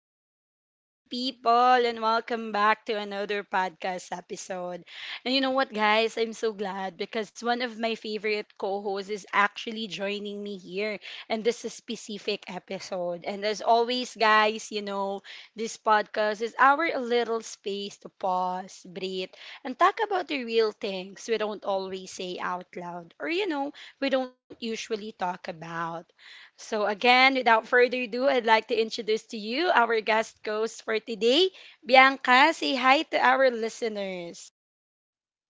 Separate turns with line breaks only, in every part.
Hello, beautiful people, and welcome back to another podcast episode. And you know what, guys? I'm so glad because one of my favorite co hosts is actually joining me here in this specific episode. And as always, guys, this podcast is our little space to pause, breathe, and talk about the real things we don't always say out loud or, we don't usually talk about. So, again, without further ado, I'd like to introduce to you our guest host for today, Bianca. Say hi to our listeners.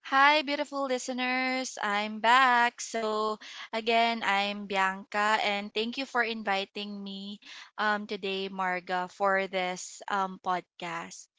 Hi, beautiful listeners. I'm back. So, again, I'm Bianca, and thank you for inviting me today, Marga, for this podcast.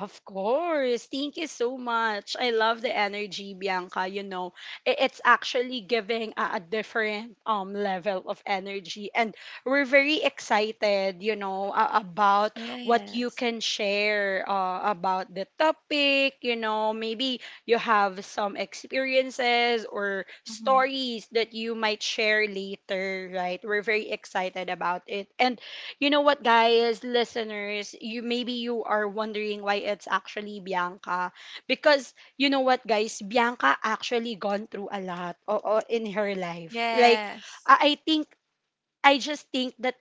Of course. Thank you so much. I love the energy, Bianca. It's actually giving a different level of energy. And we're very excited, about what you
Yes.
can share about the topic. Maybe you have some experiences or
Mhm.
stories that you might share later, right? We're very excited about it. And you know what, guys, listeners, you maybe you are wondering why it's actually Bianca, because you know what, guys, Bianca actually gone through a lot oo, in her life. Like
Yes.
I I think I just think that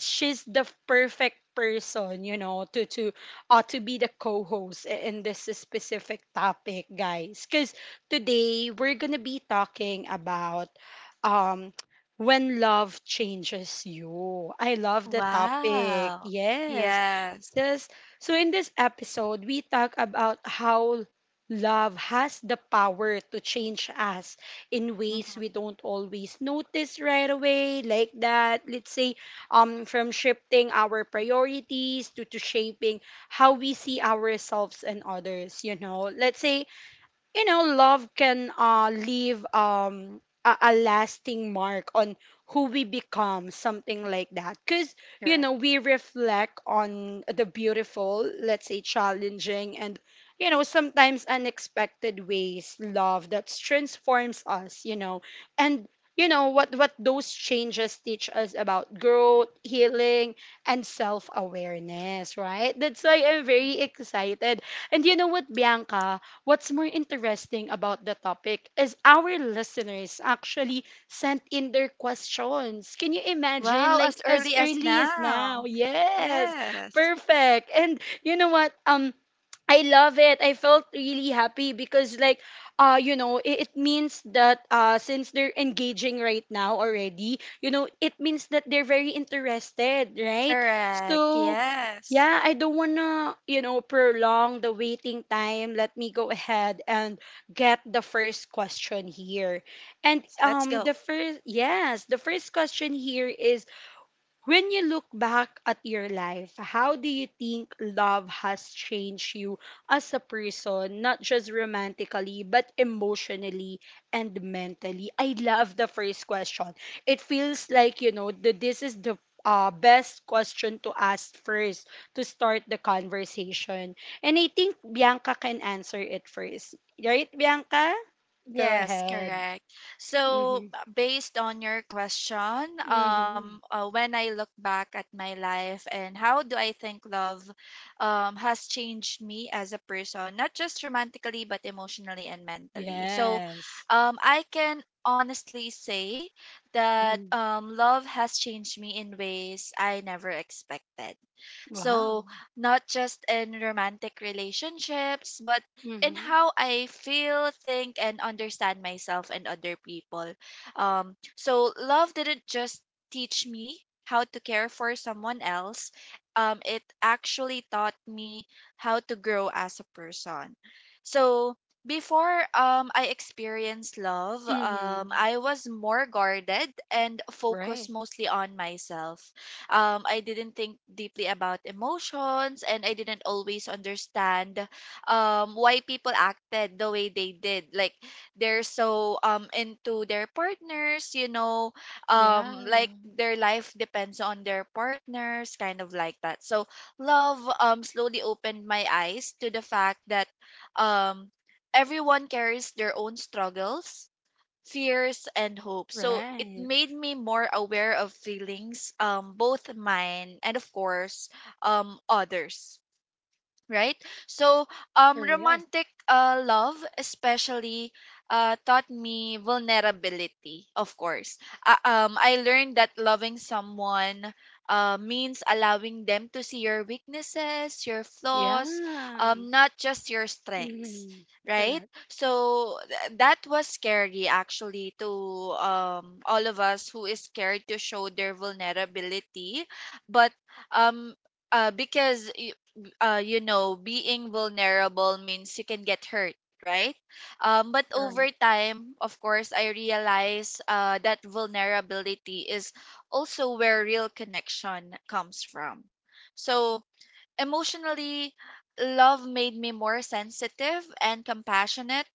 she's the perfect person, to be the co-host, in this specific topic, guys. Because today we're gonna be talking about um when love changes you. I love the topic.
Wow.
Yes.
Yes.
Just, so in this episode, we talk about how love has the power to change us in ways
Mhm.
we don't always notice right away, like that. Let's say, from shifting our priorities, to shaping how we see ourselves and others. Let's say love can leave a lasting mark on who we become, something like that, because
Correct.
we reflect on the beautiful, let's say, challenging, and sometimes unexpected ways love that transforms us, and what those changes teach us about growth, healing, and self-awareness, right? That's why I'm very excited. And you know what, Bianca? What's more interesting about the topic is our listeners actually sent in their questions. Can you imagine?
Wow, as
Like, as
early as
early as now.
now.
Yes.
Yes.
Perfect. And you know what? I love it. I felt really happy because, like, it means that, since they're engaging right now already, it means that they're very interested, right?
Correct.
So
Yes.
yeah, I don't wanna, prolong the waiting time. Let me go ahead and get the first question here. And
Let's go.
the first yes, the first question here is: when you look back at your life, how do you think love has changed you as a person, not just romantically, but emotionally and mentally? I love the first question. It feels like, this is the best question to ask first to start the conversation. And I think Bianca can answer it first. Right, Bianca? Go
Yes,
ahead.
correct. So,
Mm-hmm.
based on your question,
Mm-hmm.
when I look back at my life and how do I think love, has changed me as a person, not just romantically but emotionally and mentally. So,
Yes.
I can honestly say that
Mm.
love has changed me in ways I never expected.
Wow.
So, not just in romantic relationships, but in
Mhm.
how I feel, think, and understand myself and other people. So, love didn't just teach me how to care for someone else, it actually taught me how to grow as a person. So, before I experienced love,
Mhm.
I was more guarded and
Right.
focused mostly on myself. I didn't think deeply about emotions, and I didn't always understand why people acted the way they did. Like, they're so into their partners,
Yeah.
like their life depends on their partners, kind of like that. So love slowly opened my eyes to the fact that um, everyone carries their own struggles, fears, and hope. So it
Right.
made me more aware of feelings, both mine and, of course, others, right? So,
Correct.
romantic love, especially, taught me vulnerability. Of course, I learned that loving someone means allowing them to see your weaknesses, your flaws,
Yeah.
not just your strengths.
Mhm.
Right,
Correct.
so that was scary, actually, to all of us who is scared to show their vulnerability, but um, because being vulnerable means you can get hurt, right? But
Correct.
over time, of course, I realize that vulnerability is also where real connection comes from. So, emotionally, love made me more sensitive and compassionate.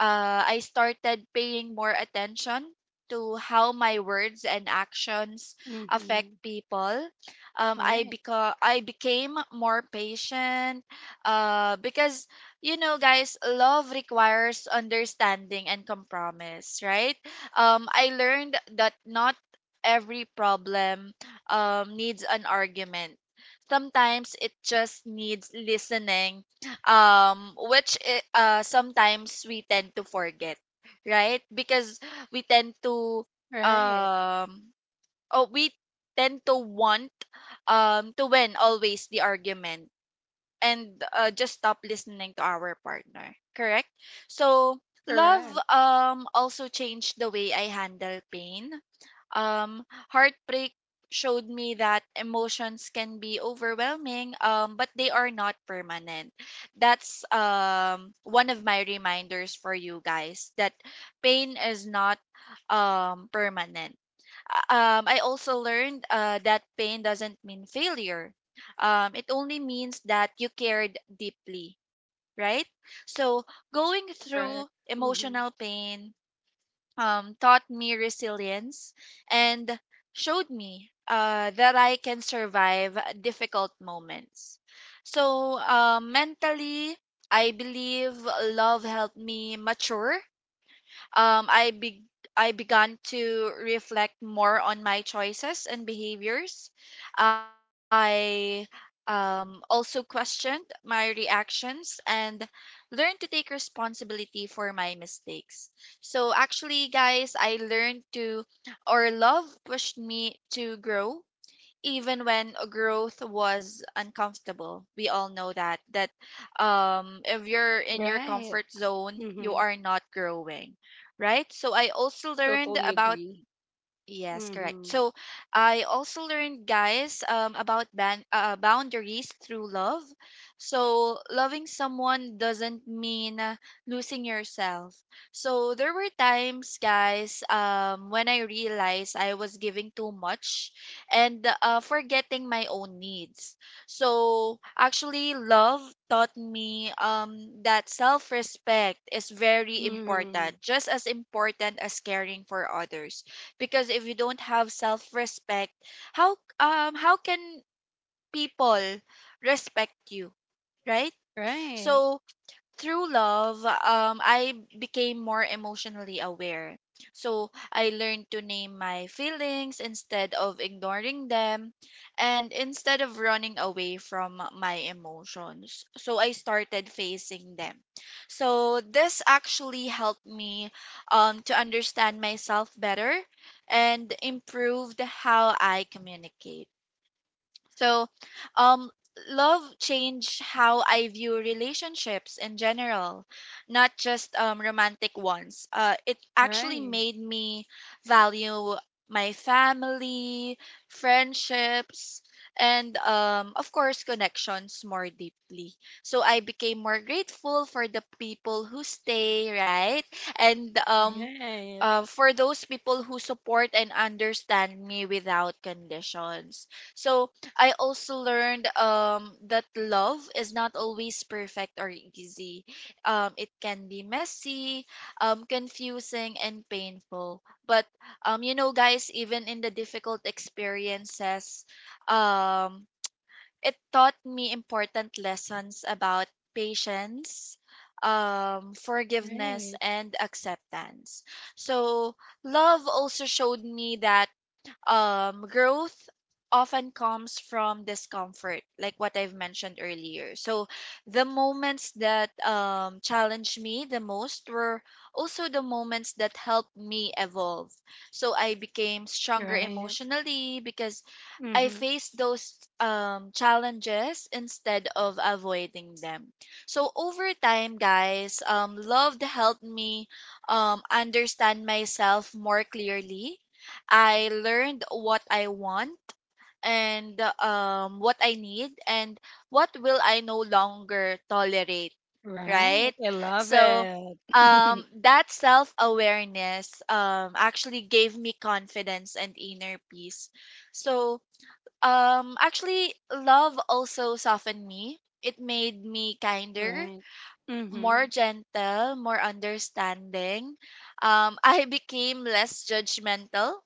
I started paying more attention to how my words and actions affect
Mhm.
people. Um, I
Right.
beca- I became more patient because, guys, love requires understanding and compromise, right? I learned that not every problem needs an argument. Sometimes it just needs listening, sometimes we tend to forget, right, because we tend to
Right.
um oh we tend to want to win always the argument, and just stop listening to our partner, correct? So love
Correct.
also changed the way I handle pain. Heartbreak showed me that emotions can be overwhelming, but they are not permanent. That's one of my reminders for you guys, that pain is not permanent. I also learned that pain doesn't mean failure. It only means that you cared deeply, right? So going through
Correct.
emotional
Mhm.
pain taught me resilience and showed me that I can survive difficult moments. So, mentally, I believe love helped me mature. um, I be- I began to reflect more on my choices and behaviors. I also questioned my reactions and learned to take responsibility for my mistakes. So actually, guys, I learned to or love pushed me to grow, even when growth was uncomfortable. We all know that if you're in your
Right.
comfort zone, you
Mhm.
are not growing, right? So I also learned
Totally
about...
agree.
Yes, correct.
Mhm.
So I also learned, guys, about boundaries through love. So loving someone doesn't mean losing yourself. So there were times, guys, when I realized I was giving too much and forgetting my own needs. So actually, love taught me that self-respect is very important,
Mhm.
just as important as caring for others, because if you don't have self-respect, how can people respect you, right?
Right.
So through love, I became more emotionally aware. So I learned to name my feelings instead of ignoring them, and instead of running away from my emotions. So I started facing them. So this actually helped me to understand myself better and improved how I communicate. So, um, love changed how I view relationships in general, not just romantic ones. It actually
Right.
made me value my family, friendships, and, of course, connections more deeply. So I became more grateful for the people who stay, right? And
Right.
for those people who support and understand me without conditions. So I also learned that love is not always perfect or easy. It can be messy, confusing, and painful. But you know, guys, even in the difficult experiences, um, it taught me important lessons about patience, forgiveness,
Right.
and acceptance. So love also showed me that growth often comes from discomfort, like what I've mentioned earlier. So the moments that challenged me the most were also the moments that helped me evolve. So I became stronger
Right.
emotionally because I
Mhm.
faced those challenges instead of avoiding them. So over time, guys, love helped me understand myself more clearly. I learned what I want and what I need, and what will I no longer tolerate, right?
Right. I love
So
it.
that self awareness actually gave me confidence and inner peace. So actually, love also softened me. It made me kinder,
Right.
more
Mhm.
gentle, more understanding. I became less judgmental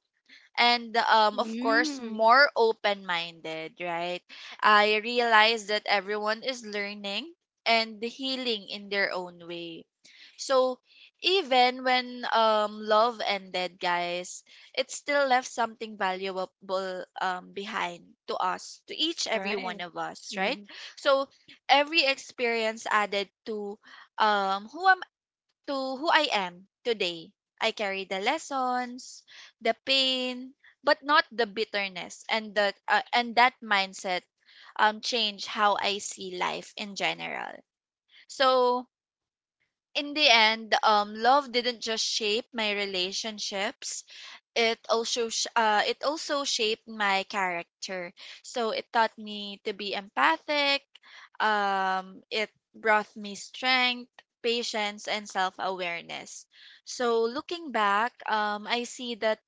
and, of course,
Mm.
more open-minded, right? I realize that everyone is learning and healing in their own way. So even when love ended, guys, it still left something valuable behind to us, to each every one
Right.
of us, right?
Mhm.
So every experience added um who am to who I am today. I carry the lessons, the pain, but not the bitterness, and that mindset change how I see life in general. So in the end, love didn't just shape my relationships. It also shaped my character. So it taught me to be empathic. It brought me strength, patience, and self awareness. So looking back, I see that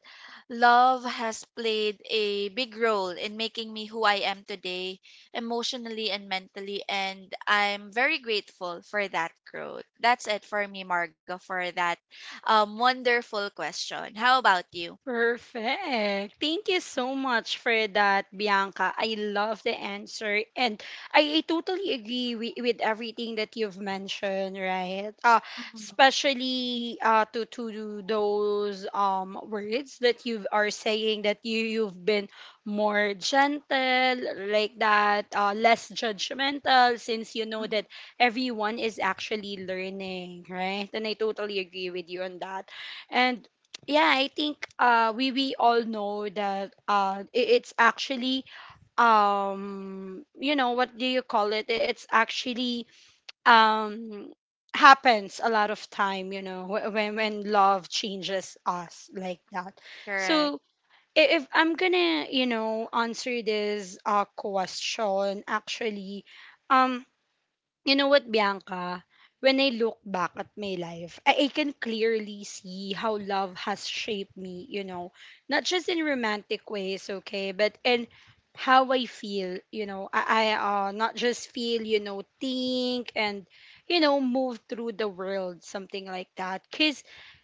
love has played a big role in making me who I am today, emotionally and mentally. And I'm very grateful for that growth. That's it for me, Margo, for that wonderful question. How about you?
Perfect. Thank you so much for that, Bianca. I love the answer. And I totally agree with everything that you've mentioned, right?
Mhm,
Especially, to those words that you are saying that you've been more gentle, like that, less judgmental, since you know
mhm.
that everyone is actually learning, right? And I totally agree with you on that. And yeah, I think, we all know that, it's actually, you know what do you call it? It's actually, um happens a lot of time, when love changes us, like that.
Correct.
So, if I'm gonna, answer this question, actually, um you know what, Bianca? When I look back at my life, I can clearly see how love has shaped me, not just in romantic ways, okay, but in how I feel, you know, I not just feel, think, and, move through the world, something like that. Because,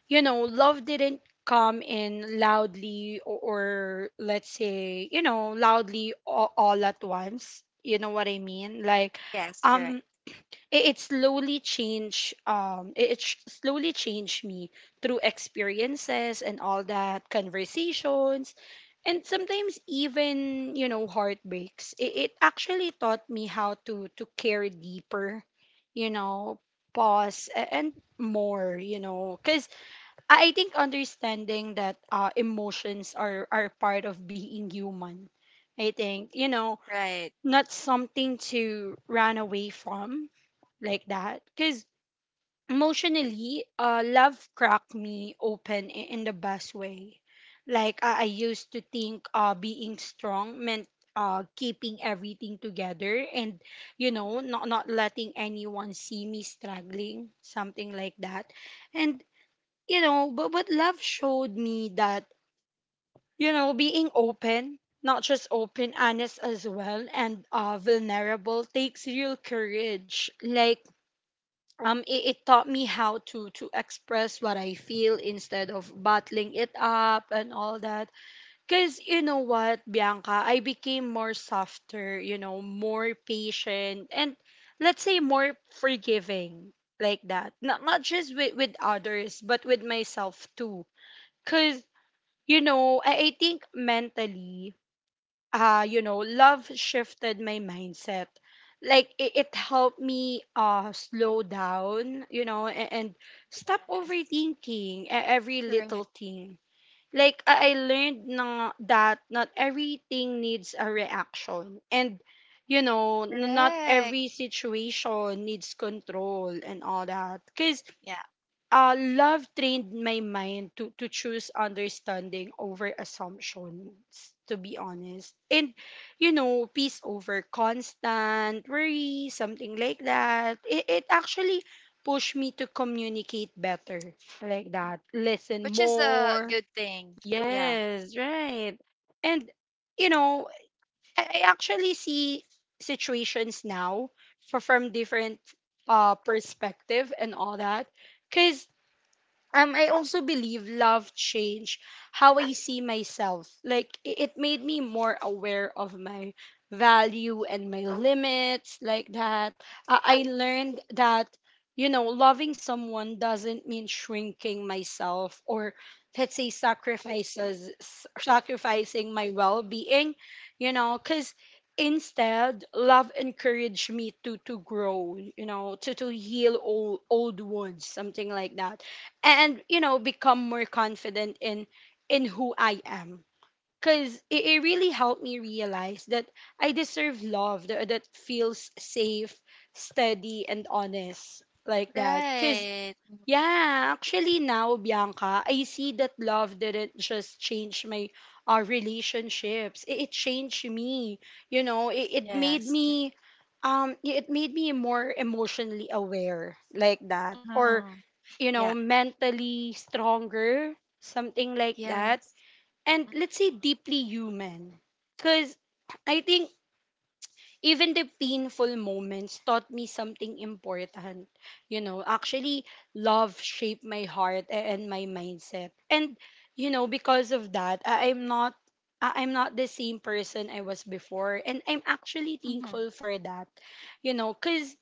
love didn't come in loudly, or, let's say, loudly all at once. You know what I mean? Like,
Yes, correct.
um, it slowly changed, slowly changed me through experiences and all that conversations, and sometimes even, heartbreaks, it actually taught me how to care deeper, you know pause, and more, because I think understanding that, emotions are part of being human. I think,
Right.
not something to run away from, like that, because emotionally, love cracked me open, in the best way. Like, I used to think, being strong meant, keeping everything together and, not letting anyone see me struggling, something like that. And, but love showed me that, being open, not just open, honest as well, and, vulnerable takes real courage. Like, it taught me how to express what I feel instead of bottling it up, and all that. Cause, you know what, Bianca, I became more softer, more patient, and let's say more forgiving, like that. Not just with others, but with myself too. Cause I think, mentally, love shifted my mindset. Like, it helped me, slow down, and, stop
Yes.
overthinking, every
Correct.
little thing. Like I learned, that not everything needs a reaction, and, not
Correct.
every situation needs control, and all that. Cause,
Yeah.
love trained my mind to choose understanding over assumptions, to be honest, and, peace over constant worry, something like that. It actually pushed me to communicate better, like that, listen
Which is a
more.
good thing. Yeah.
Yes. Right. And, you know I actually see situations now, from different, perspective, and all that, because, I also believe love changed how I see myself. Like, it made me more aware of my value and my limits, like that. I learned that, loving someone doesn't mean shrinking myself, or, let's say, sacrificing my well-being, cuz instead love encouraged me to grow, to heal old wounds, something like that, and, become more confident in, who I am, because it really helped me realize that I deserve love that, feels safe, steady, and honest, like that, because
Right. Mhm.
yeah, actually, now, Bianca, I see that love didn't just change my, relationships. It changed me. you know it, it made
Yes.
me um it made me more emotionally aware, like that, or,
Mm-hmm. Yeah.
mentally stronger, something like
Yeah.
that. And let's say deeply human. Because I think even the painful moments taught me something important. Actually, love shaped my heart, and my mindset. And, because of that, I'm not. I'm not the same person I was before, and I'm actually
Mm-hmm.
thankful for that. You know, cuz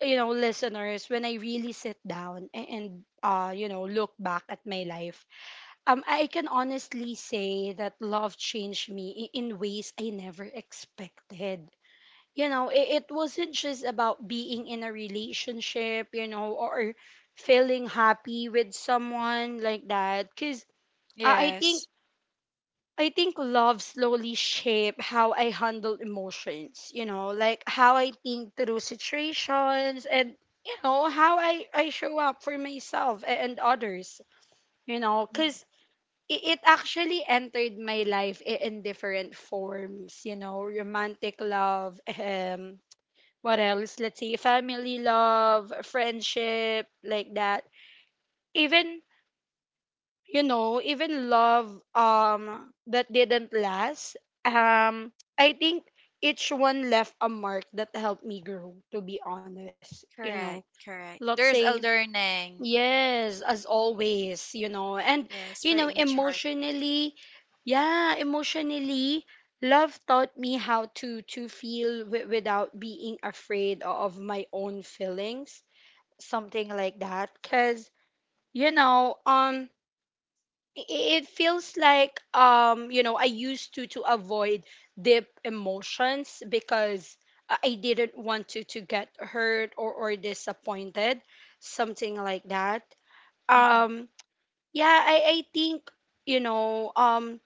you know listeners, when I really sit down, and, look back at my life, I can honestly say that love changed me, in ways I never expected. It wasn't just about being in a relationship, or feeling happy with someone, like that, because, uh, i
Yes.
think I think love slowly shape how I handle emotions, like how I think through situations, and, how I show up for myself, and others,
Mm-hmm.
because it actually entered my life, in different forms, romantic love, what else? Let's see, family love, friendship, like that. Even, even love, that didn't last, um I think each one left a mark that helped me grow, to be honest.
Correct. Correct.
Let's
There's
say
a learning.
yes, as always. And
Yes,
you
for
know,
each heart.
emotionally, yeah, emotionally love taught me how to feel without being afraid of my own feelings, something like that cuz you know, i- it feels like you know I used to avoid deep emotions because I didn't want to get hurt or disappointed, something like that.
Mm-hmm.
um yeah, I think, you know,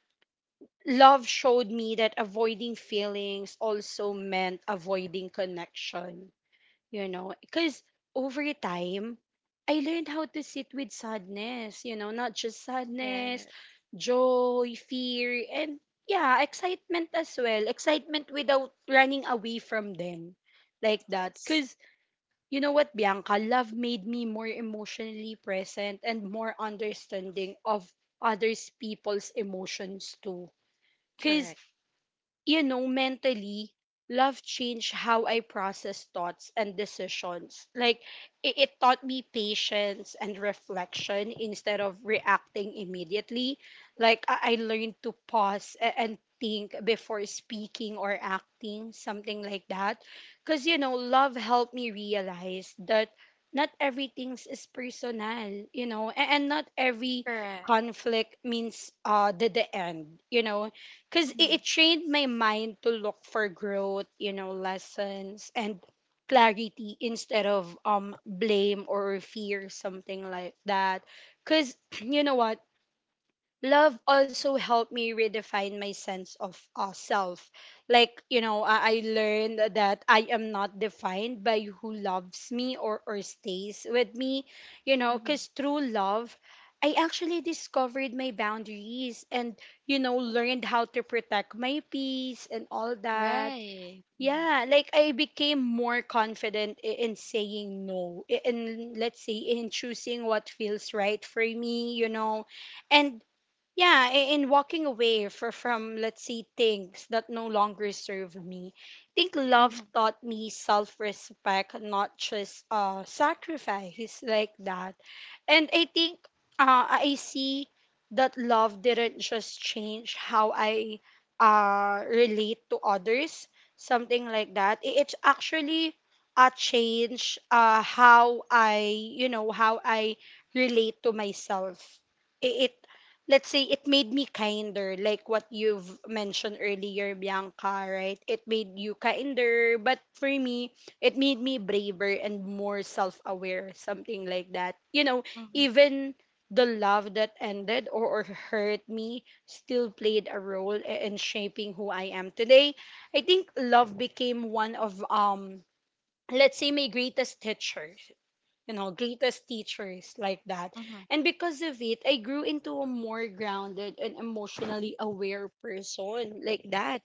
love showed me that avoiding feelings also meant avoiding connection, you know, because over time I learned how to sit with sadness, you know, not just sadness,
Yeah,
joy, fear, and yeah, excitement as well, excitement without running away from them, like that.
yes.
Because you know what, Bianca, love made me more emotionally present and more understanding of others people's emotions too. Because,
Correct.
you know, mentally, love changed how I process thoughts and decisions. Like, it taught me patience and reflection instead of reacting immediately. Like, I learned to pause and think before speaking or acting, something like that. Because, you know, love helped me realize that not everything's is personal, you know, and not every
Correct.
conflict means the end, you know, because it,
Mm-hmm.
it trained my mind to look for growth, you know, lessons and clarity instead of blame or fear, something like that. Because you know what, love also helped me redefine my sense of self. Like, you know, I learned that I am not defined by who loves me or stays with me, you know,
Mm-hmm.
because through love, I actually discovered my boundaries and, you know, learned how to protect my peace and all that.
Right. Mm-hmm.
Yeah, like I became more confident in saying no, in, let's say, in choosing what feels right for me, you know. And yeah, in walking away from, let's say, things that no longer serve me. I think love
Mm-hmm.
taught me self respect, not just sacrifice, like that. And I think, I see that love didn't just change how I relate to others, something like that. It's actually a change, how I, you know, how I relate to myself. It, let's say, it made me kinder, like what you've mentioned earlier, Bianca, right? It made you kinder, but for me, it made me braver and more self-aware, something like that, you know.
Mm-hmm.
Even the love that ended or hurt me still played a role in shaping who I am today. I think love became one of, let's say, my greatest teacher, you know, greatest teachers, like that.
Mm-hmm.
And because of it, I grew into a more grounded and emotionally aware person, like that.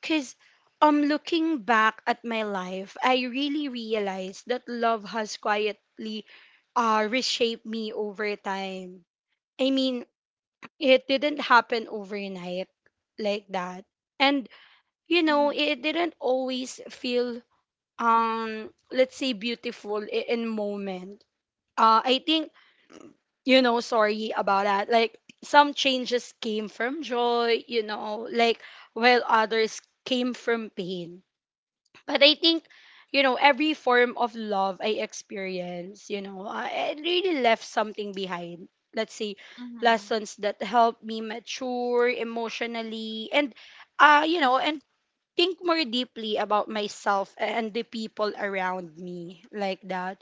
Because, looking back at my life, I really realized that love has quietly reshaped me over time. I mean, it didn't happen overnight, like that. And, you know,
Mm-hmm.
it didn't always feel, let's say, beautiful in moment. I think, you know, sorry about that. Like, some changes came from joy, you know, like, while others came from pain. But I think, you know, every form of love I experienced, you know, I it really left something behind. Let's say
Mm-hmm.
lessons that helped me mature emotionally and, you know, and think more deeply about myself and the people around me, like that.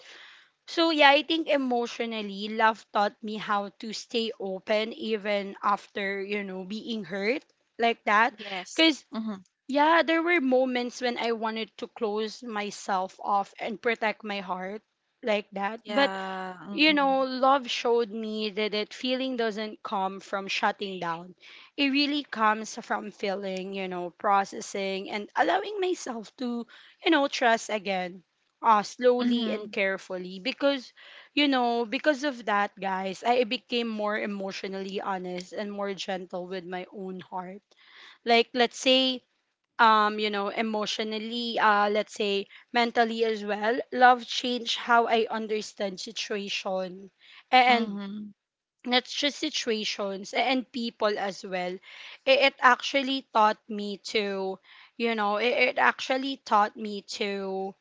So yeah, I think emotionally, love taught me how to stay open even after, you know, being hurt, like that.
Yes.
Cause
Mm-hmm.
yeah, there were moments when I wanted to close myself off and protect my heart, like that. But,
Yeah.
you know,
Mm-hmm.
love showed me that it feeling doesn't come from shutting down. It really comes from feeling, you know, processing and allowing myself to, you know, trust again, slowly and
Mm-hmm.
carefully. Because, you know, because of that, guys, I became more emotionally honest and more gentle with my own heart. Like, let's say, you know, emotionally, let's say mentally as well, love changed how I understand situation, and
Mm-hmm.
not just situations and people as well. It actually taught me to, you know, it actually taught me to,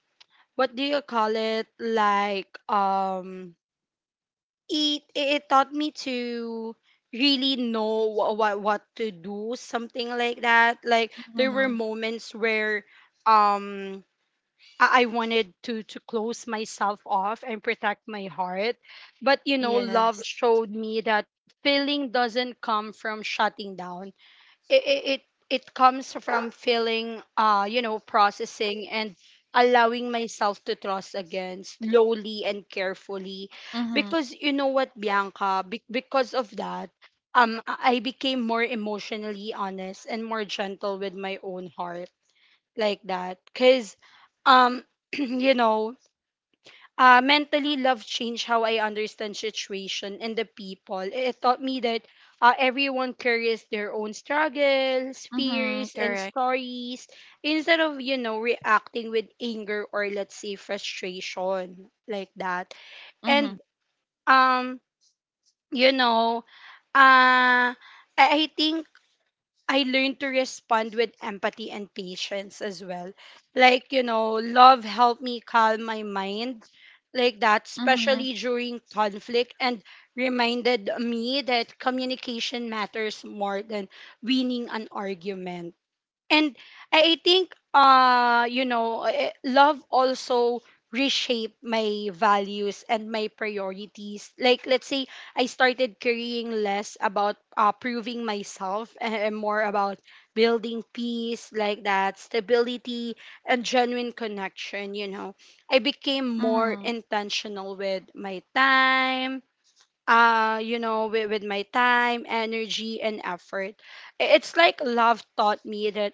what do you call it, like, it it taught me to really know what to do, something like that. Like, there were
Mm-hmm.
moments where um I wanted to close myself off and protect my heart. But, you know, love
Yes.
showed me that feeling doesn't come from shutting down. It it it it comes from feeling, you know, processing and allowing myself to trust again slowly and carefully.
Mm-hmm.
Because, you know what, Bianca, because of that, I became more emotionally honest and more gentle with my own heart, like that. Because um you know, mentally, love changed how I understand situation and the people. It taught me that everyone carries their own struggles,
Mm-hmm.
fears, and
Correct.
stories, instead of, you know, reacting with anger or, let's say, frustration, like that.
Mm-hmm.
And, um, you know, uh, I I think I learned to respond with empathy and patience as well. Like, you know, love helped me calm my mind, like that,
Mm-hmm.
especially during conflict, and reminded me that communication matters more than winning an argument. And I think, you know, love also reshape my values and my priorities. Like, let's say, I started caring less about proving myself and more about building peace, like that, stability and genuine connection, you know. I became more
Mm-hmm.
intentional with my time, you know, with my time, energy and effort. It's like love taught me that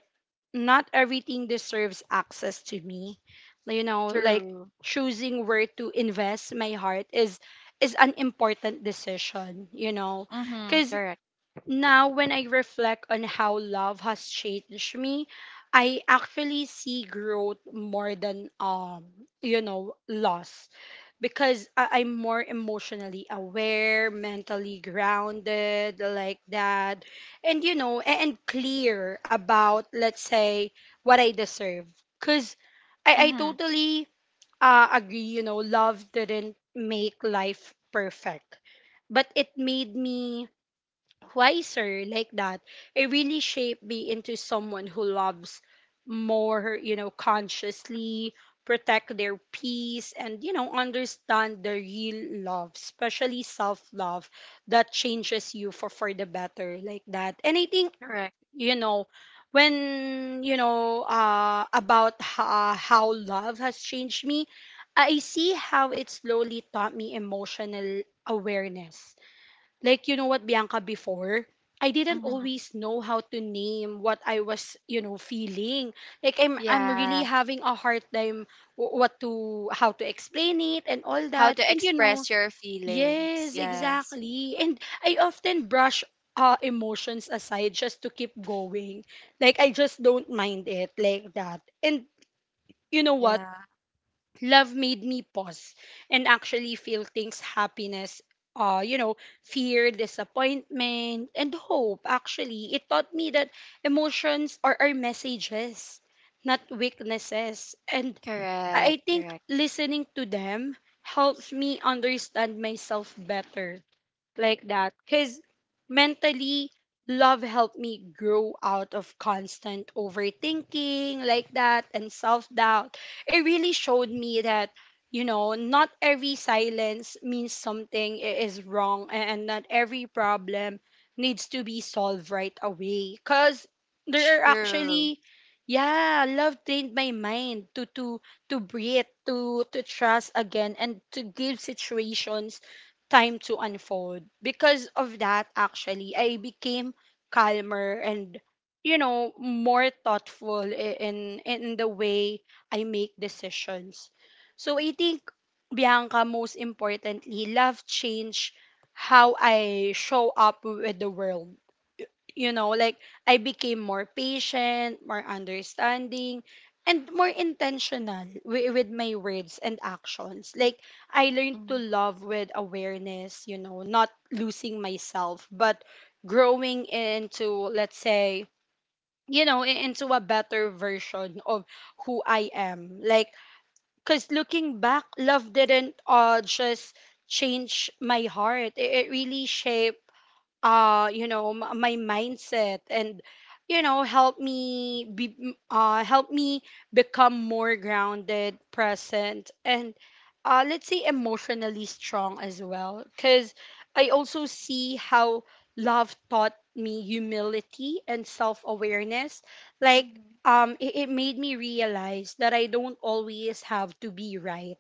not everything deserves access to me, you know, like
True.
choosing where to invest my heart is an important decision, you know.
Mm-hmm.
Because
Correct.
now, when I reflect on how love has changed me, I actually see growth more than, you know, loss. Because I'm more emotionally aware, mentally grounded, like that, and you know, and clear about, let's say, what I deserve. Because I
Mm-hmm.
totally, agree, you know, love didn't make life perfect, but it made me wiser, like that. It really shaped me into someone who loves more, you know, consciously, protect their peace, and, you know, understand the real love, especially self love, that changes you for the better, like that. And I think,
Correct.
you know, when you know, about how love has changed me, I see how it slowly taught me emotional awareness. Like, you know what, Bianca, before, I didn't
Mm-hmm.
always know how to name what I was, you know, feeling. Like I'm really
Yeah.
having a hard time, wh- what to how to explain it and all
How
that.
to
And, you know,
express your feelings.
yes,
Yes.
exactly. And I often brush emotions aside just to keep going. Like, I just don't mind it, like that. And you know what?
Yeah.
Love made me pause and actually feel things, happiness, you know, fear, disappointment, and hope. Actually, it taught me that emotions are our messages, not weaknesses, and i
Correct.
I think
Correct.
listening to them helps me understand myself better, like that. Because mentally, love helped me grow out of constant overthinking, like that, and self-doubt. It really showed me that, you know, not every silence means something is wrong, and not every problem needs to be solved right away. Because there are
True.
actually, yeah, love trained my mind to breathe, to trust again, and to give situations time to unfold. Because of that, actually, I became calmer and, you know, more thoughtful in the way I make decisions. So I think, Bianca, most importantly, love changed how I show up with the world, you know, like I became more patient, more understanding, and more intentional with my words and actions. Like, I learned to
Mm,
love with awareness, you know, not losing myself, but growing into, let's say, you know, into a better version of who I am. Like, because looking back, love didn't, just change my heart, it really shaped, you know, my mindset, and, you know, help me become more grounded, present, and, let's say, emotionally strong as well. Cuz I also see how love taught me humility and self-awareness. Like,
mhm.
it made me realize that I don't always have to be right,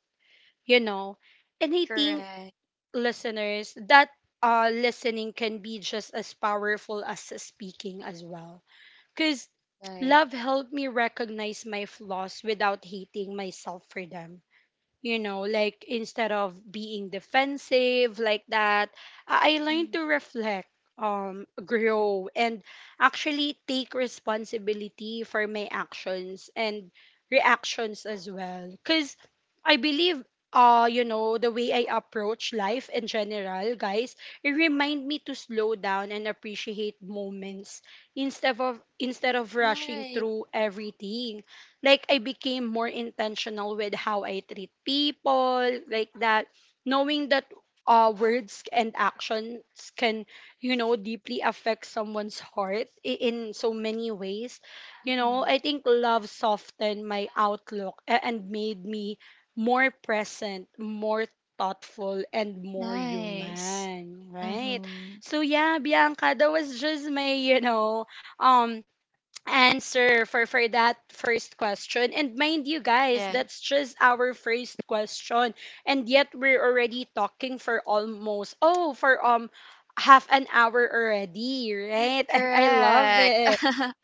you know. And I think,
Correct,
listeners, that, listening can be just as powerful as speaking as well. Because
right.
love helped me recognize my flaws without hating myself for them, you know, like instead of being defensive, like that, I learned
Mm,
to reflect, grow, and actually take responsibility for my actions and reactions as well. Because I believe, you know, the way I approach life in general, guys, it remind me to slow down and appreciate moments instead of rushing
right.
through everything. Like, I became more intentional with how I treat people, like that, knowing that, words and actions can, you know, deeply affect someone's heart in so many ways. You know,
Mm-hmm.
I think love softened my outlook and made me more present, more thoughtful, and more
Nice.
human, right?
Mm-hmm.
So yeah, Bianca, that was just my, you know, um answer for that first question. And mind you, guys, that's
Yes.
just our first question, and yet we're already talking for almost, oh for half an hour already, right? And I love
Correct.
it.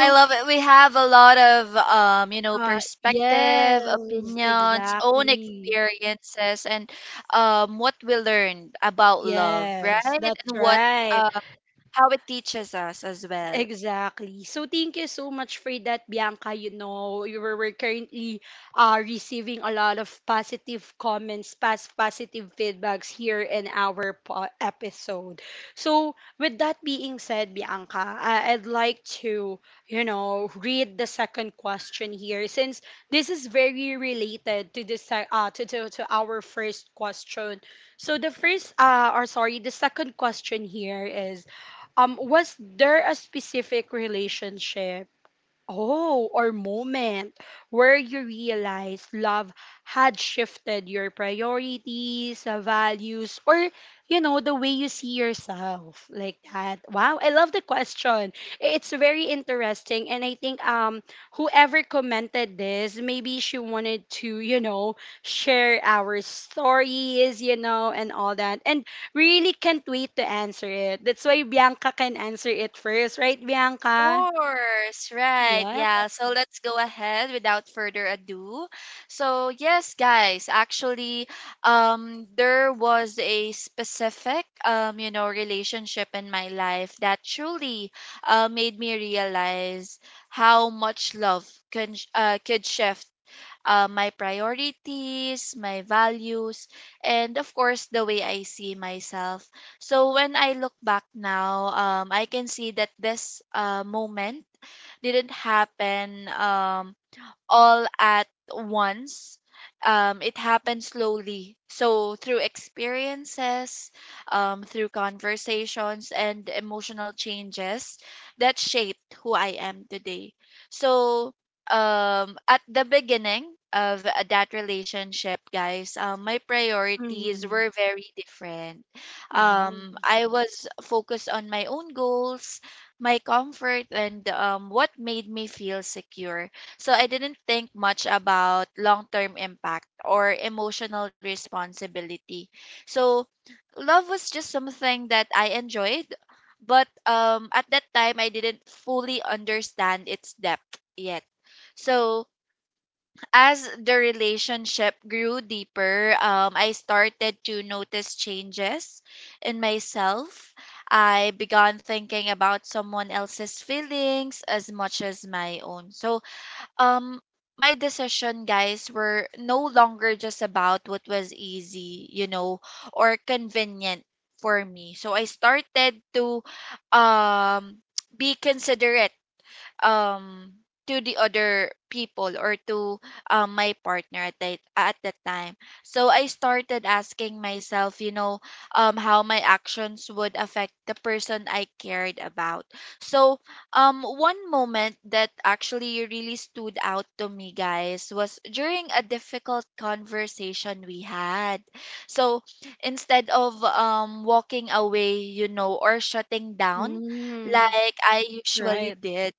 I love it. We have a lot of, you know, perspective,
yes,
opinions, own
exactly.
experiences, and what we learned about love,
Yes,
right?
that's
And what
right.
uh, how it teaches us as well.
Exactly. So thank you so much for that, Bianca. You know, you were, we're currently, receiving a lot of positive comments, past positive feedbacks here in our episode. So with that being said, Bianca, I'd like to, read the second question here since this is very related to this to our first question. So the second question here is was there a specific relationship Oh, or moment where you realized love had shifted your priorities, values, or, you know, the way you see yourself like that. Wow, I love the question. It's very interesting. And I think whoever commented this, maybe she wanted to, you know, share our stories, you know, and all that. And really can't wait to answer it. That's why Bianca can answer it first, right, Bianca?
Course, right.
Yeah.
Yeah, so let's go ahead without further ado. So, yes, guys, actually, there was a specific relationship in my life that truly made me realize how much love could shift my priorities, my values, and, of course, the way I see myself. So when I look back now, I can see that this moment didn't happen. All at once. It happened slowly. So, through experiences, through conversations, and emotional changes that shaped who I am today. So, at the beginning of that relationship, guys, my priorities
Mhm.
were very different.
Wow.
I was focused on my own goals, my comfort, and what made me feel secure, so I didn't think much about long term impact or emotional responsibility. So love was just something that I enjoyed, but at that time I didn't fully understand its depth yet. So as the relationship grew deeper, I started to notice changes in myself. I began thinking about someone else's feelings as much as my own. So um my decision, guys, were no longer just about what was easy, you know, or convenient for me. So I started to um be considerate, um to the other people, or to my partner at that time. So I started asking myself, you know, how my actions would affect the person I cared about. So one moment that actually really stood out to me, guys, was during a difficult conversation we had. So instead of walking away, you know, or shutting down
Mm.
like I usually
Right.
did,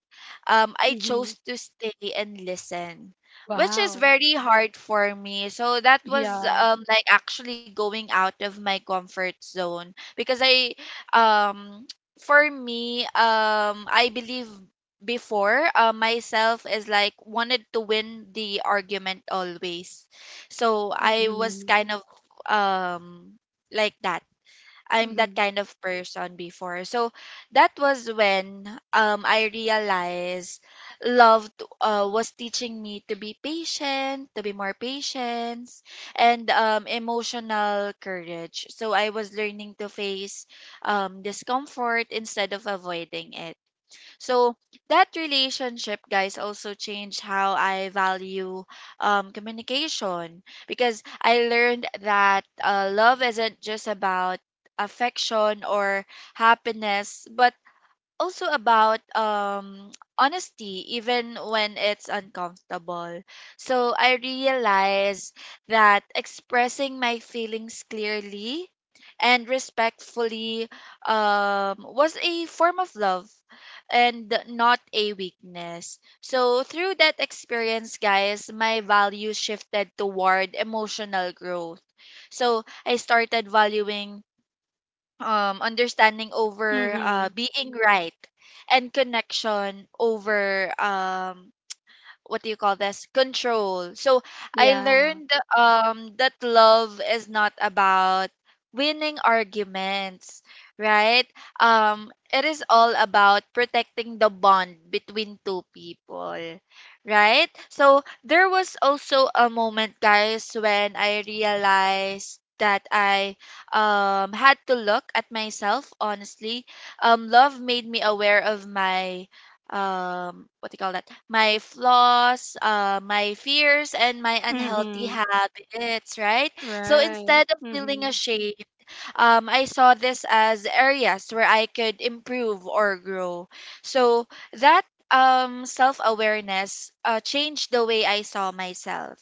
I chose
Mhm.
to stay and listen, which is
Wow.
very hard for me. So that was
Yeah.
like actually going out of my comfort zone because I, um, for me, I believe before myself is like wanted to win the argument always. So I was
Mhm.
kind of um like that. I'm that
Mhm.
kind of person before. So that was when I realized love was teaching me to be patient, to be more patient, and emotional courage. So I was learning to face discomfort instead of avoiding it. So that relationship, guys, also changed how I value communication, because I learned that love isn't just about affection or happiness, but also about honesty even when it's uncomfortable. So I realize that expressing my feelings clearly and respectfully was a form of love and not a weakness. So through that experience, guys, my values shifted toward emotional growth. So I started valuing understanding over
Mhm.
being right, and connection over what do you call this, control. So I
Yeah.
learned that love is not about winning arguments, right? It is all about protecting the bond between two people, right? So there was also a moment, guys, when I realized that I had to look at myself honestly. Love made me aware of my what do you call that, my flaws, my fears, and my unhealthy
Mhm.
habits, right? So
Right.
instead of feeling
Mhm.
ashamed, I saw this as areas where I could improve or grow. So that self-awareness changed the way I saw myself.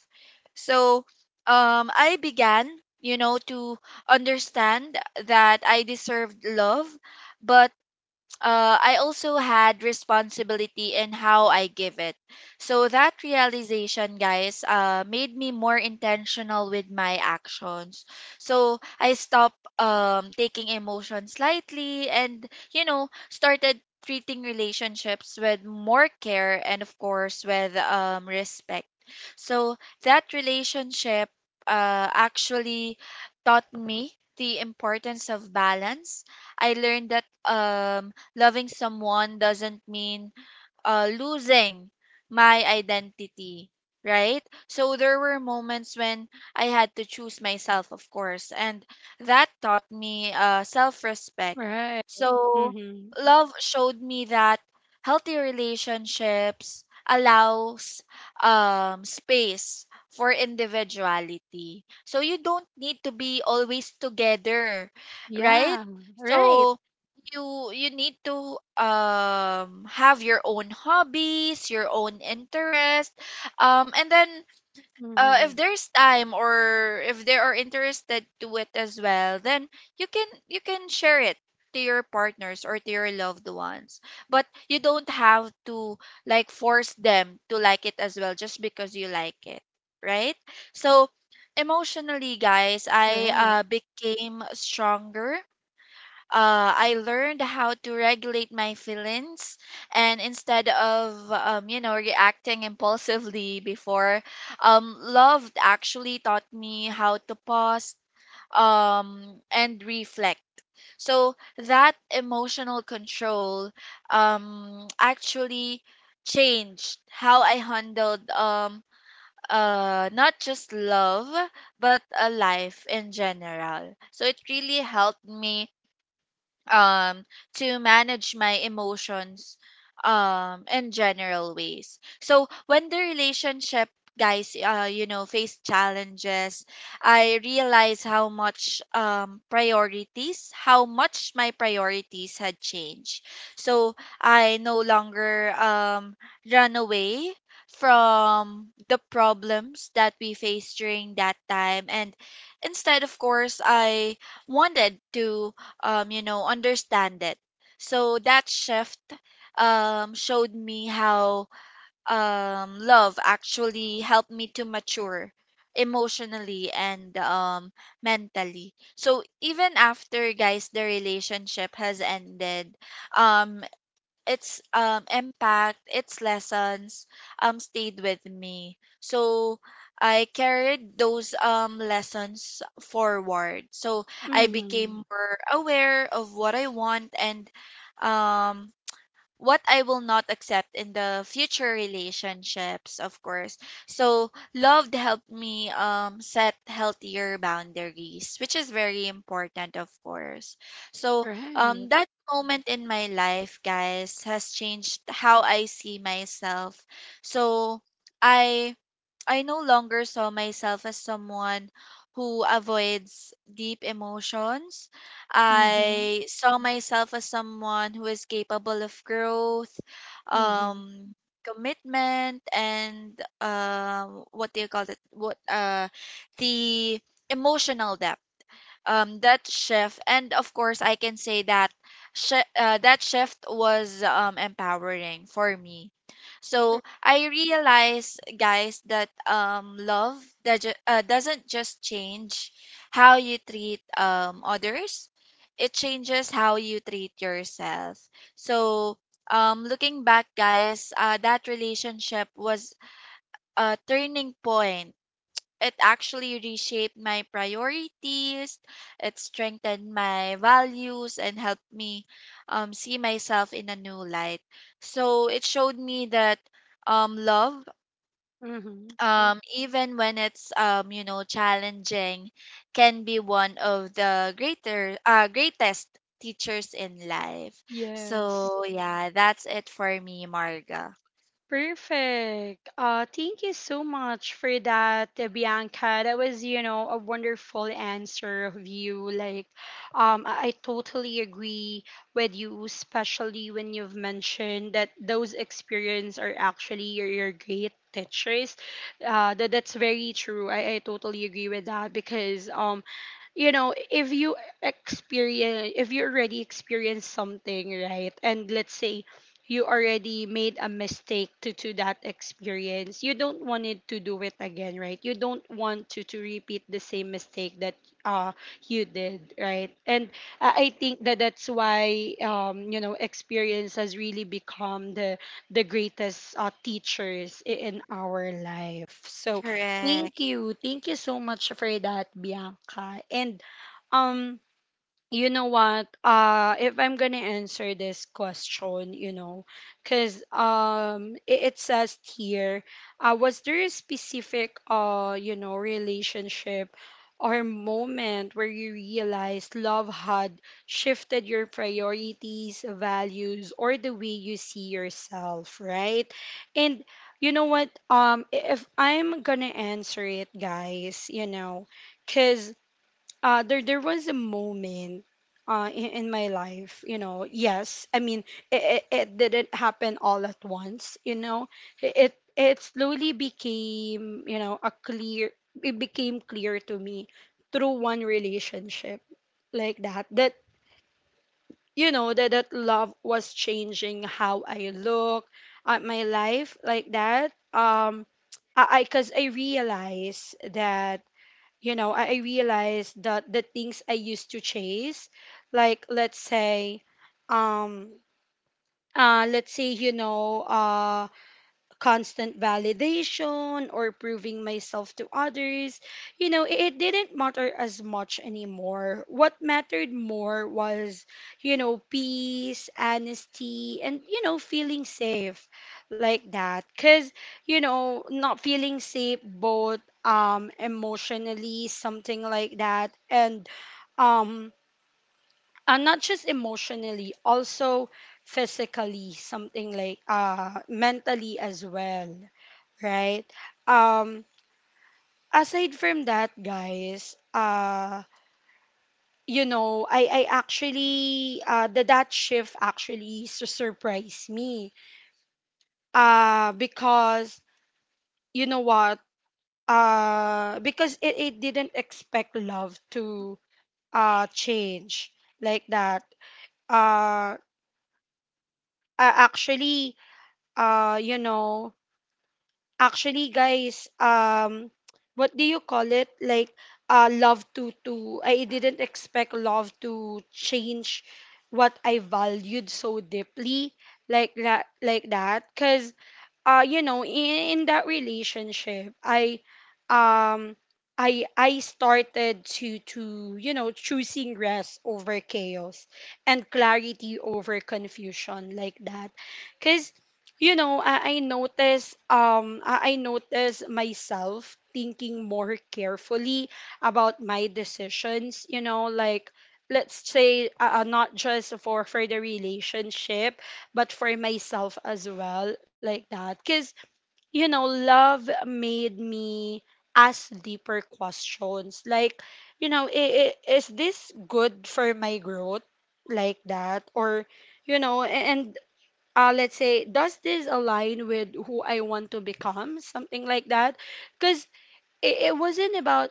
So I began, you know, to understand that I deserved love, but I also had responsibility in how I give it. So that realization, guys, made me more intentional with my actions. So I stopped taking emotions lightly and, you know, started treating relationships with more care and, of course, with respect. So that relationship actually taught me the importance of balance. I learned that loving someone doesn't mean losing my identity, right? So there were moments when I had to choose myself, of course, and that taught me self respect.
Right.
So
Mhm.
love showed me that healthy relationships allows space for individuality. So you don't need to be always together, right?
Yeah. Right.
So you need to have your own hobbies, your own interest, and then if
Mhm.
there's time or if they are interested to it as well, then you can share it to your partners or to your loved ones, but you don't have to like force them to like it as well just because you like it, right? So emotionally, guys, I
Right.
became stronger. I learned how to regulate my feelings, and instead of you know, reacting impulsively before, love actually taught me how to pause and reflect. So that emotional control actually changed how I handled not just love but a life in general. So it really helped me um to manage my emotions in general ways. So when the relationship, guys, you know, face challenges, I realize how much my priorities had changed. So I no longer run away from the problems that we faced during that time, and instead, of course, I wanted to you know, understand it. So that shift showed me how love actually helped me to mature emotionally and mentally. So even after, guys, the relationship has ended, um its impact, its lessons stayed with me. So I carried those lessons forward. So I
Mhm.
became more aware of what I want and um what I will not accept in the future relationships, of course. So, love helped me set healthier boundaries, which is very important, of course. So,
Right.
that moment in my life, guys, has changed how I see myself. So, I I no longer saw myself as someone who avoids deep emotions.
Mhm.
I saw myself as someone who is capable of growth,
Mhm.
um, commitment, and what do you call it? What the emotional depth. That shift, and of course I can say that that shift was empowering for me. So
Cor-
I realized, guys, that love doesn't just change how you treat others, it changes how you treat yourself. So looking back, guys, that relationship was a turning point. It actually reshaped my priorities, it strengthened my values, and helped me see myself in a new light. So it showed me that love,
Mhm.
even when it's you know, challenging, can be one of the greater greatest teachers in life.
Yes.
So yeah, that's it for me, Marga.
Perfect. Thank you so much for that, Bianca. That was, you know, a wonderful answer of you. Like, um, I totally agree with you, especially when you've mentioned that those experience are actually your great teachers. That's very true. I totally agree with that because you know, if you experience, if you already experience something, right, and let's say you already made a mistake to that experience you don't want it to do it again, right? You don't want to repeat the same mistake that uh you did, right? And I think that that's why you know experience has really become the greatest teachers in our life. So
Correct.
thank you, thank you so much for that, Bianca. And um you know what, if I'm gonna answer this question, you know, because it, it says here, was there a specific you know relationship or moment where you realized love had shifted your priorities, values, or the way you see yourself, right? And you know what, if I'm gonna answer it, guys, you know, because there was a moment in my life, you know. Yes, I mean it didn't happen all at once, you know. It slowly became, you know, a clear. It became clear to me through one relationship like that that you know that that love was changing how I look at my life like that. I because I realized that you know, I realized that the things I used to chase, like um, let's say, you know, constant validation or proving myself to others, you know, it didn't matter as much anymore. What mattered more was, you know, peace, honesty, and, you know, feeling safe like that. Because, you know, not feeling safe both emotionally, something like that, and um not just emotionally, also physically, something like mentally as well, right? Um, Aside from that, guys, you know, I actually, the that shift actually surprised me. Because, you know what? Because it didn't expect love to, change like that. Uh, I actually, you know, actually guys what do you call it, like love to I didn't expect love to change what I valued so deeply like that, like that, cause you know in that relationship um I started to you know choosing rest over chaos and clarity over confusion like that because you know I notice I notice myself thinking more carefully about my decisions you know like let's say not just for the relationship but for myself as well, like that. Because, you know, love made me ask deeper questions. Like, you know, is this good for my growth? Like that? Or, you know, and let's say, does this align with who I want to become? Something like that. Because it wasn't about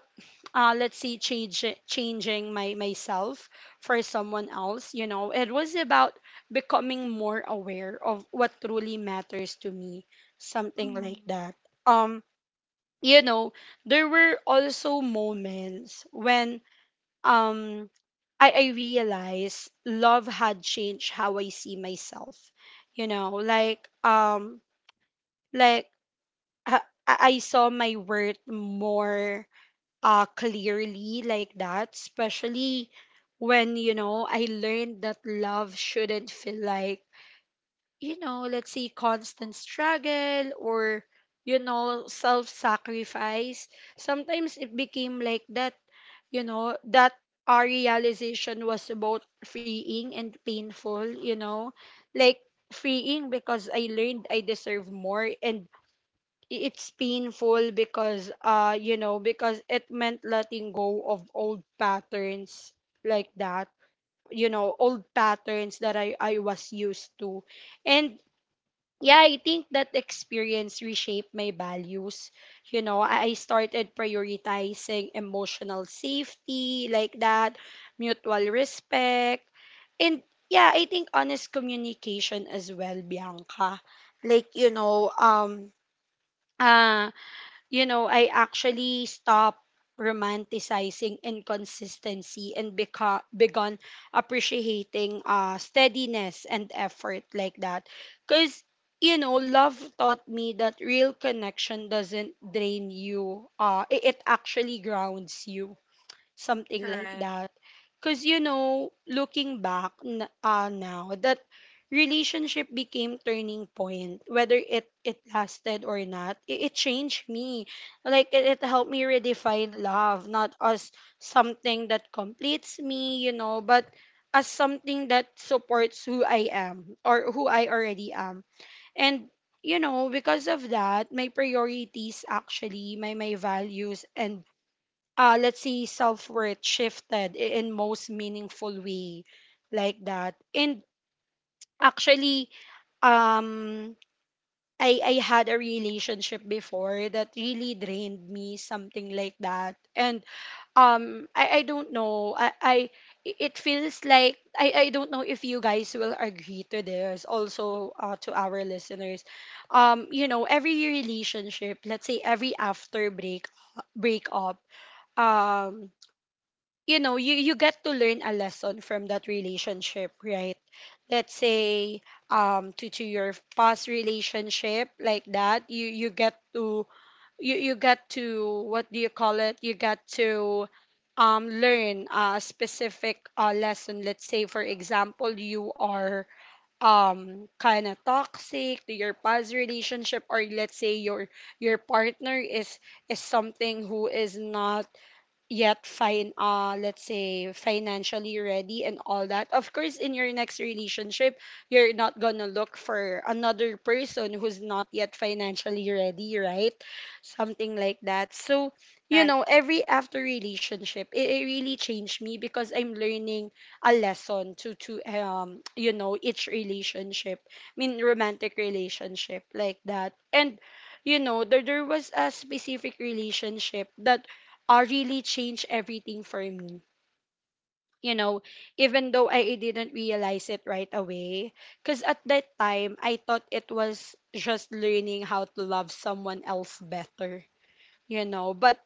let's see change changing my myself for someone else, you know, it was about becoming more aware of what truly matters to me, something like
Mm,
that. um you know, there were also moments when um I realized love had changed how I see myself. You know, like I, I saw my worth more clearly like that, especially when you know I learned that love shouldn't feel like you know let's say constant struggle or you know self sacrifice. Sometimes it became like that, you know, that our realization was both freeing and painful, you know, like freeing because I learned I deserve more and it's painful because you know because it meant letting go of old patterns like that, you know, old patterns that I was used to. And yeah, I think that experience reshaped my values, you know, I started prioritizing emotional safety like that, mutual respect, and yeah I think honest communication as well, Bianca, like uh you know, I actually stopped romanticizing inconsistency and begun appreciating steadiness and effort like that. Because, you know, love taught me that real connection doesn't drain you, it actually grounds you, something like
correct.
that, because you know looking back now that relationship became turning point, whether it lasted or not, it changed me, like it helped me redefine love not as something that completes me you know but as something that supports who I am or who I already am. And you know because of that my priorities, actually my values, and let's see, self worth shifted in most meaningful way like that. And actually, um, I had a relationship before that really drained me, something like that. And I don't know. It feels like I don't know if you guys will agree to this. Also, to our listeners, you know, every relationship, let's say every after break up, um you know you get to learn a lesson from that relationship, right? Let's say to your past relationship like that, you get to you get to what do you call it, you get to learn a specific lesson. Let's say for example you are kind of toxic to your past relationship, or let's say your partner is something who is not yet fine, let's say financially ready and all that, of course in your next relationship you're not gonna look for another person who's not yet financially ready, right? Something like that. So you
Right.
know every after relationship, it really changed me because I'm learning a lesson to you know each relationship, I mean romantic relationship like that. And you know there was a specific relationship that really changed everything for me. You know, even though I didn't realize it right away, because at that time I thought it was just learning how to love someone else better. You know, but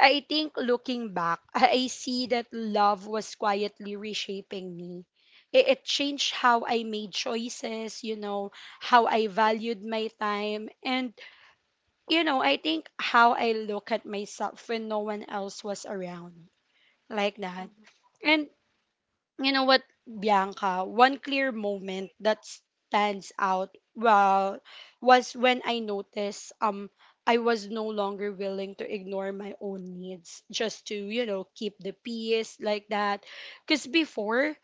I think looking back, I see that love was quietly reshaping me. It changed how I made choices, you know, how I valued my time, and, you know, I think how I look at myself when no one else was around like that. And you know what, Bianca, one clear moment that stands out well was when I noticed I was no longer willing to ignore my own needs just to, you know, keep the peace like that. Cause before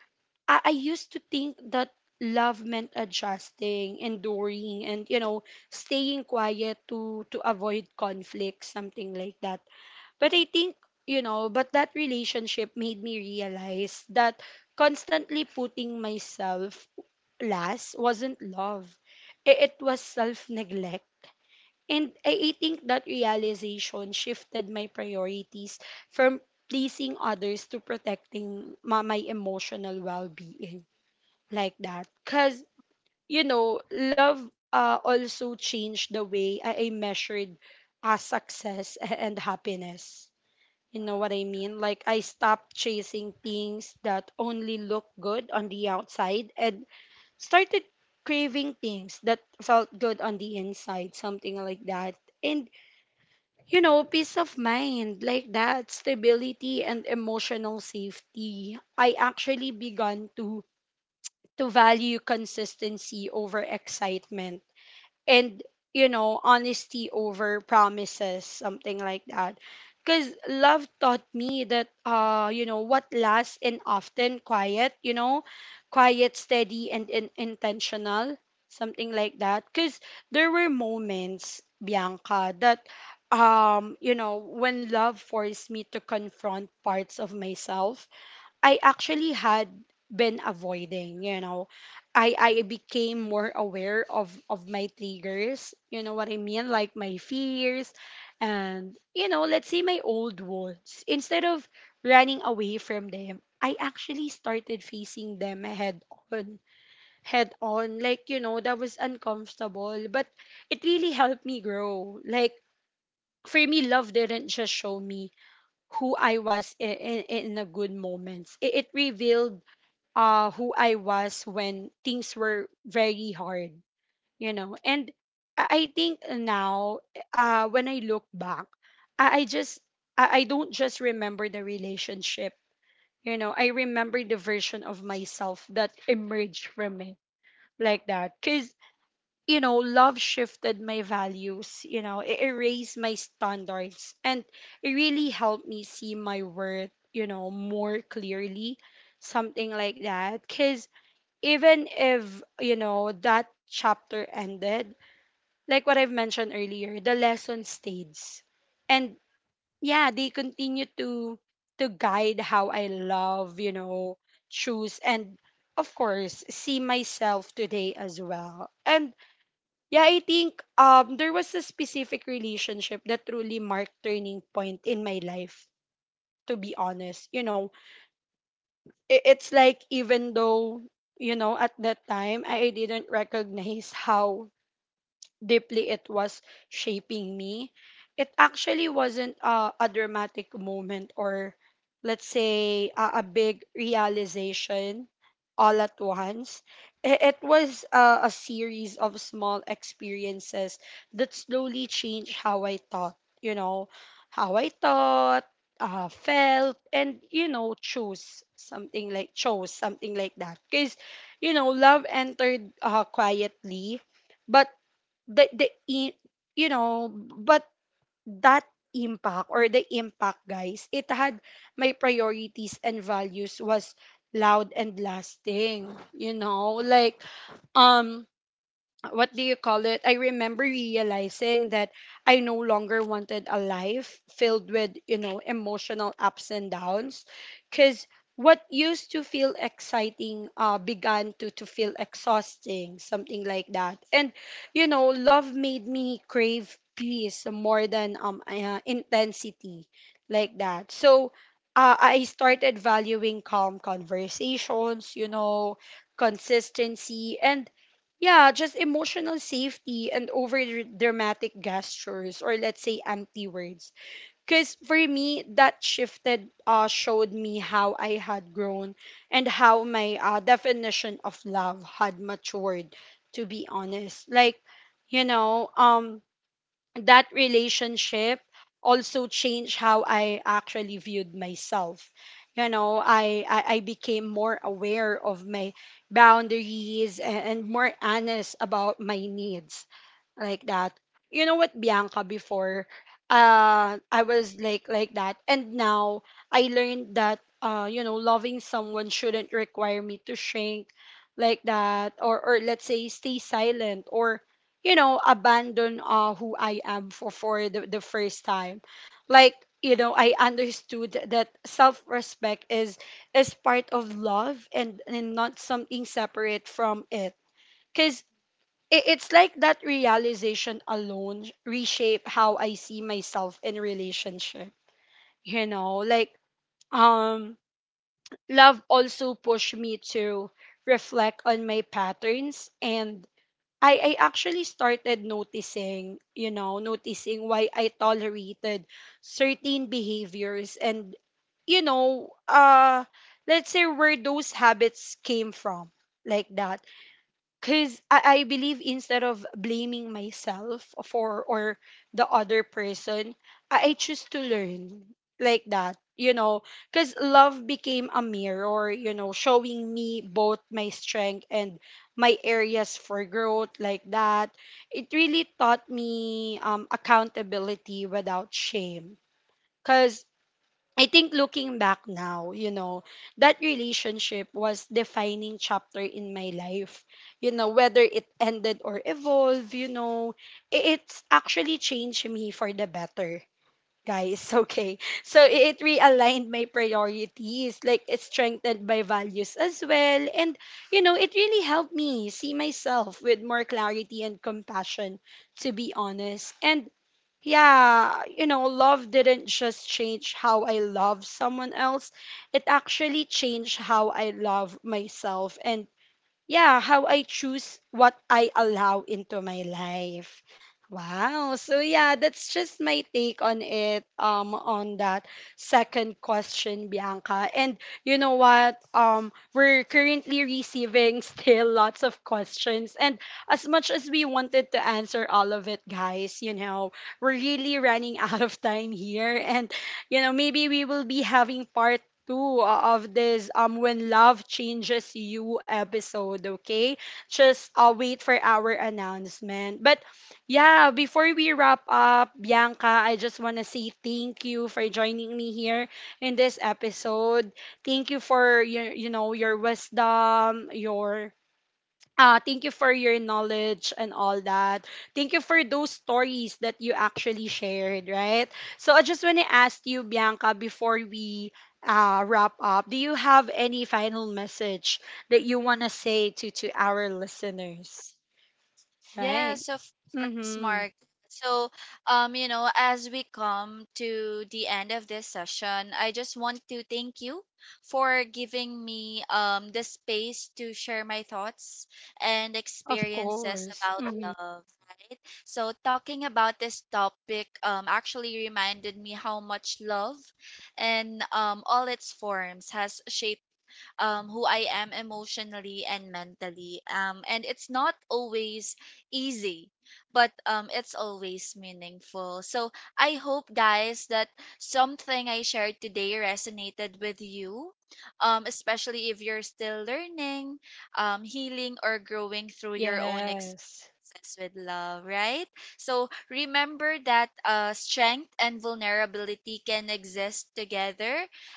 I used to think that love meant adjusting, enduring, and you know, staying quiet to avoid conflict, something like that. But I think, you know, but that relationship made me realize that constantly putting myself last wasn't love. It was self neglect. And I think that realization shifted my priorities from pleasing others to protecting my emotional well being like that. Because, you know, love also changed the way I measured success and happiness, you know what I mean? Like I stopped chasing things that only look good on the outside and started craving things that felt good on the inside, something like that. And you know, peace of mind like that, stability and emotional safety. I actually began to value consistency over excitement and you know honesty over promises, something like that, because love taught me that you know what lasts and often quiet, you know, quiet, steady, and, in intentional, something like that, because there were moments, Bianca, that you know when love forced me to confront parts of myself I actually had been avoiding, you know. I became more aware of my triggers, you know what I mean, like my fears and you know, let's say my old wounds. Instead of running away from them, I actually started facing them head on, head on. Like, you know, that was uncomfortable, but it really helped me grow. Like for me, love didn't just show me who I was in the good moments. It revealed who I was when things were very hard, you know. And I think now, when I look back, I, I just I don't just remember the relationship, you know. I remember the version of myself that emerged from it, like that, because you know, love shifted my values, you know, it erased my standards, and it really helped me see my worth, you know, more clearly, something like that, because even if you know that chapter ended like what I've mentioned earlier, the lesson stays. And yeah, they continue to guide how I love, you know, choose, and of course see myself today as well. And yeah, I think there was a specific relationship that truly marked turning point in my life, to be honest, you know. It's like even though you know at that time I didn't recognize how deeply it was shaping me, it actually wasn't a dramatic moment or, let's say, a big realization all at once. It was a series of small experiences that slowly changed how I thought, you know, how I thought, felt, and, you know, chose something like that. Because, you know, love entered quietly, but the I- you know but that impact or the impact, guys, it had my priorities and values was loud and lasting, you know. Like um what do you call it? I remember realizing that I no longer wanted a life filled with, you know, emotional ups and downs. Because what used to feel exciting began to feel exhausting, something like that. And, you know, love made me crave peace more than intensity, like that. So, I started valuing calm conversations, you know, consistency, and yeah, just emotional safety and over dramatic gestures or let's say empty words. Because for me, that shifted showed me how I had grown and how my definition of love had matured, to be honest. Like, you know, that relationship also changed how I actually viewed myself. You know, I became more aware of my boundaries and more honest about my needs like that. You know what, Bianca, before I was like that, and now I learned that you know loving someone shouldn't require me to shrink like that or let's say stay silent or you know abandon who I am for the first time. Like you know I understood that self-respect is part of love, and not something separate from it. Cuz it's like that realization alone reshape how I see myself in relationship. You know, like um love also pushed me to reflect on my patterns, and I actually started noticing, you know, noticing why I tolerated certain behaviors and you know, let's say where those habits came from, like that, because I believe instead of blaming myself for or the other person, I choose to learn, like that, you know, because love became a mirror, you know, showing me both my strength and my areas for growth like that. It really taught me accountability without shame. Because I think looking back now, you know, that relationship was defining chapter in my life. You know, whether it ended or evolved, you know, it's actually changed me for the better, guys. Okay. So it realigned my priorities, like it strengthened my values as well. And, you know, it really helped me see myself with more clarity and compassion, to be honest. And yeah, you know, love didn't just change how I love someone else. It actually changed how I love myself, and yeah, how I choose what I allow into my life. Wow. So yeah, that's just my take on it on that second question, Bianca. And you know what? We're currently receiving still lots of questions, and as much as we wanted to answer all of it, guys, you know, we're really running out of time here. And you know, maybe we will be having part two of this when love changes you episode, okay? Just wait for our announcement. But yeah, before we wrap up, Bianca, I just want to say thank you for joining me here in this episode. Thank you for your, you know, your wisdom, your thank you for your knowledge and all that. Thank you for those stories that you actually shared, right? So I just want to ask you, Bianca, before we wrap up, do you have any final message that you want to say to our listeners, right?
Yes, of course,
Mm-hmm.
Mark. So, you know, as we come to the end of this session, I just want to thank you for giving me the space to share my thoughts and
Of
experiences
course.
about
Mm-hmm.
love, right? So, talking about this topic actually reminded me how much love and all its forms has shaped who I am emotionally and mentally. And it's not always easy, but it's always meaningful. So I hope, guys, that something I shared today resonated with you, especially if you're still learning, healing, or growing through your own
Yes.
success with love, right? So remember that strength and vulnerability can exist together,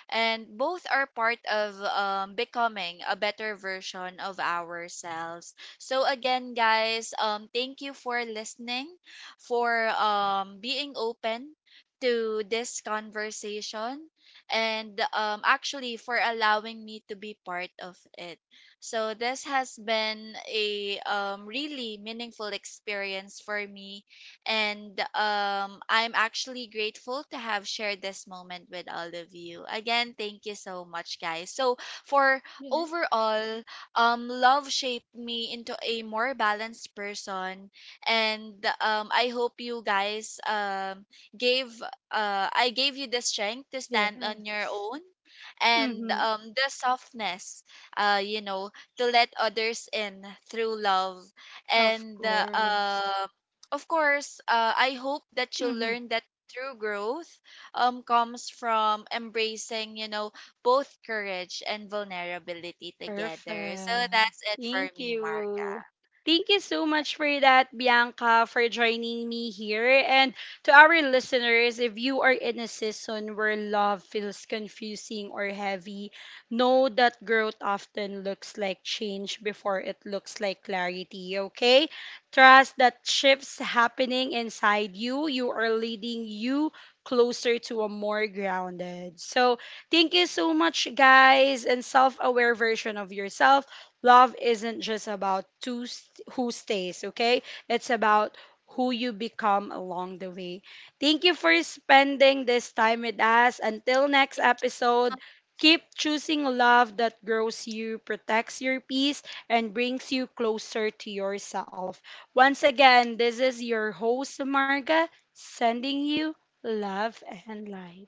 and both are part of becoming a better version of ourselves. So again, guys, thank you for listening, for being open to this conversation, and actually for allowing me to be part of it. So this has been a really meaningful experience for me, and I'm actually grateful to have shared this moment with all of you. Again, thank you so much, guys. So for
Yeah.
overall, love shaped me into a more balanced person, and I hope you guys gave I gave you the strength to stand on your
Yes.
own, and
Mm-hmm.
the softness you know, to let others in through love.
Of
And
course.
of course, I hope that you
Mm-hmm.
learn that true growth comes from embracing, you know, both courage and vulnerability together. So
Perfect.
that's it for
Thank
me, Marga.
you. Thank you so much for that, Bianca, for joining me here. And to our listeners, if you are in a season where love feels confusing or heavy, know that growth often looks like change before it looks like clarity, okay? Trust that shifts happening inside you, you are leading you closer to a more grounded. So, thank you so much, guys. And self aware version of yourself. Love isn't just about to who stays, okay? It's about who you become along the way. Thank you for spending this time with us. Until next episode, keep choosing love that grows you, protects your peace, and brings you closer to yourself. Once again, this is your host, Marga, sending you love and light.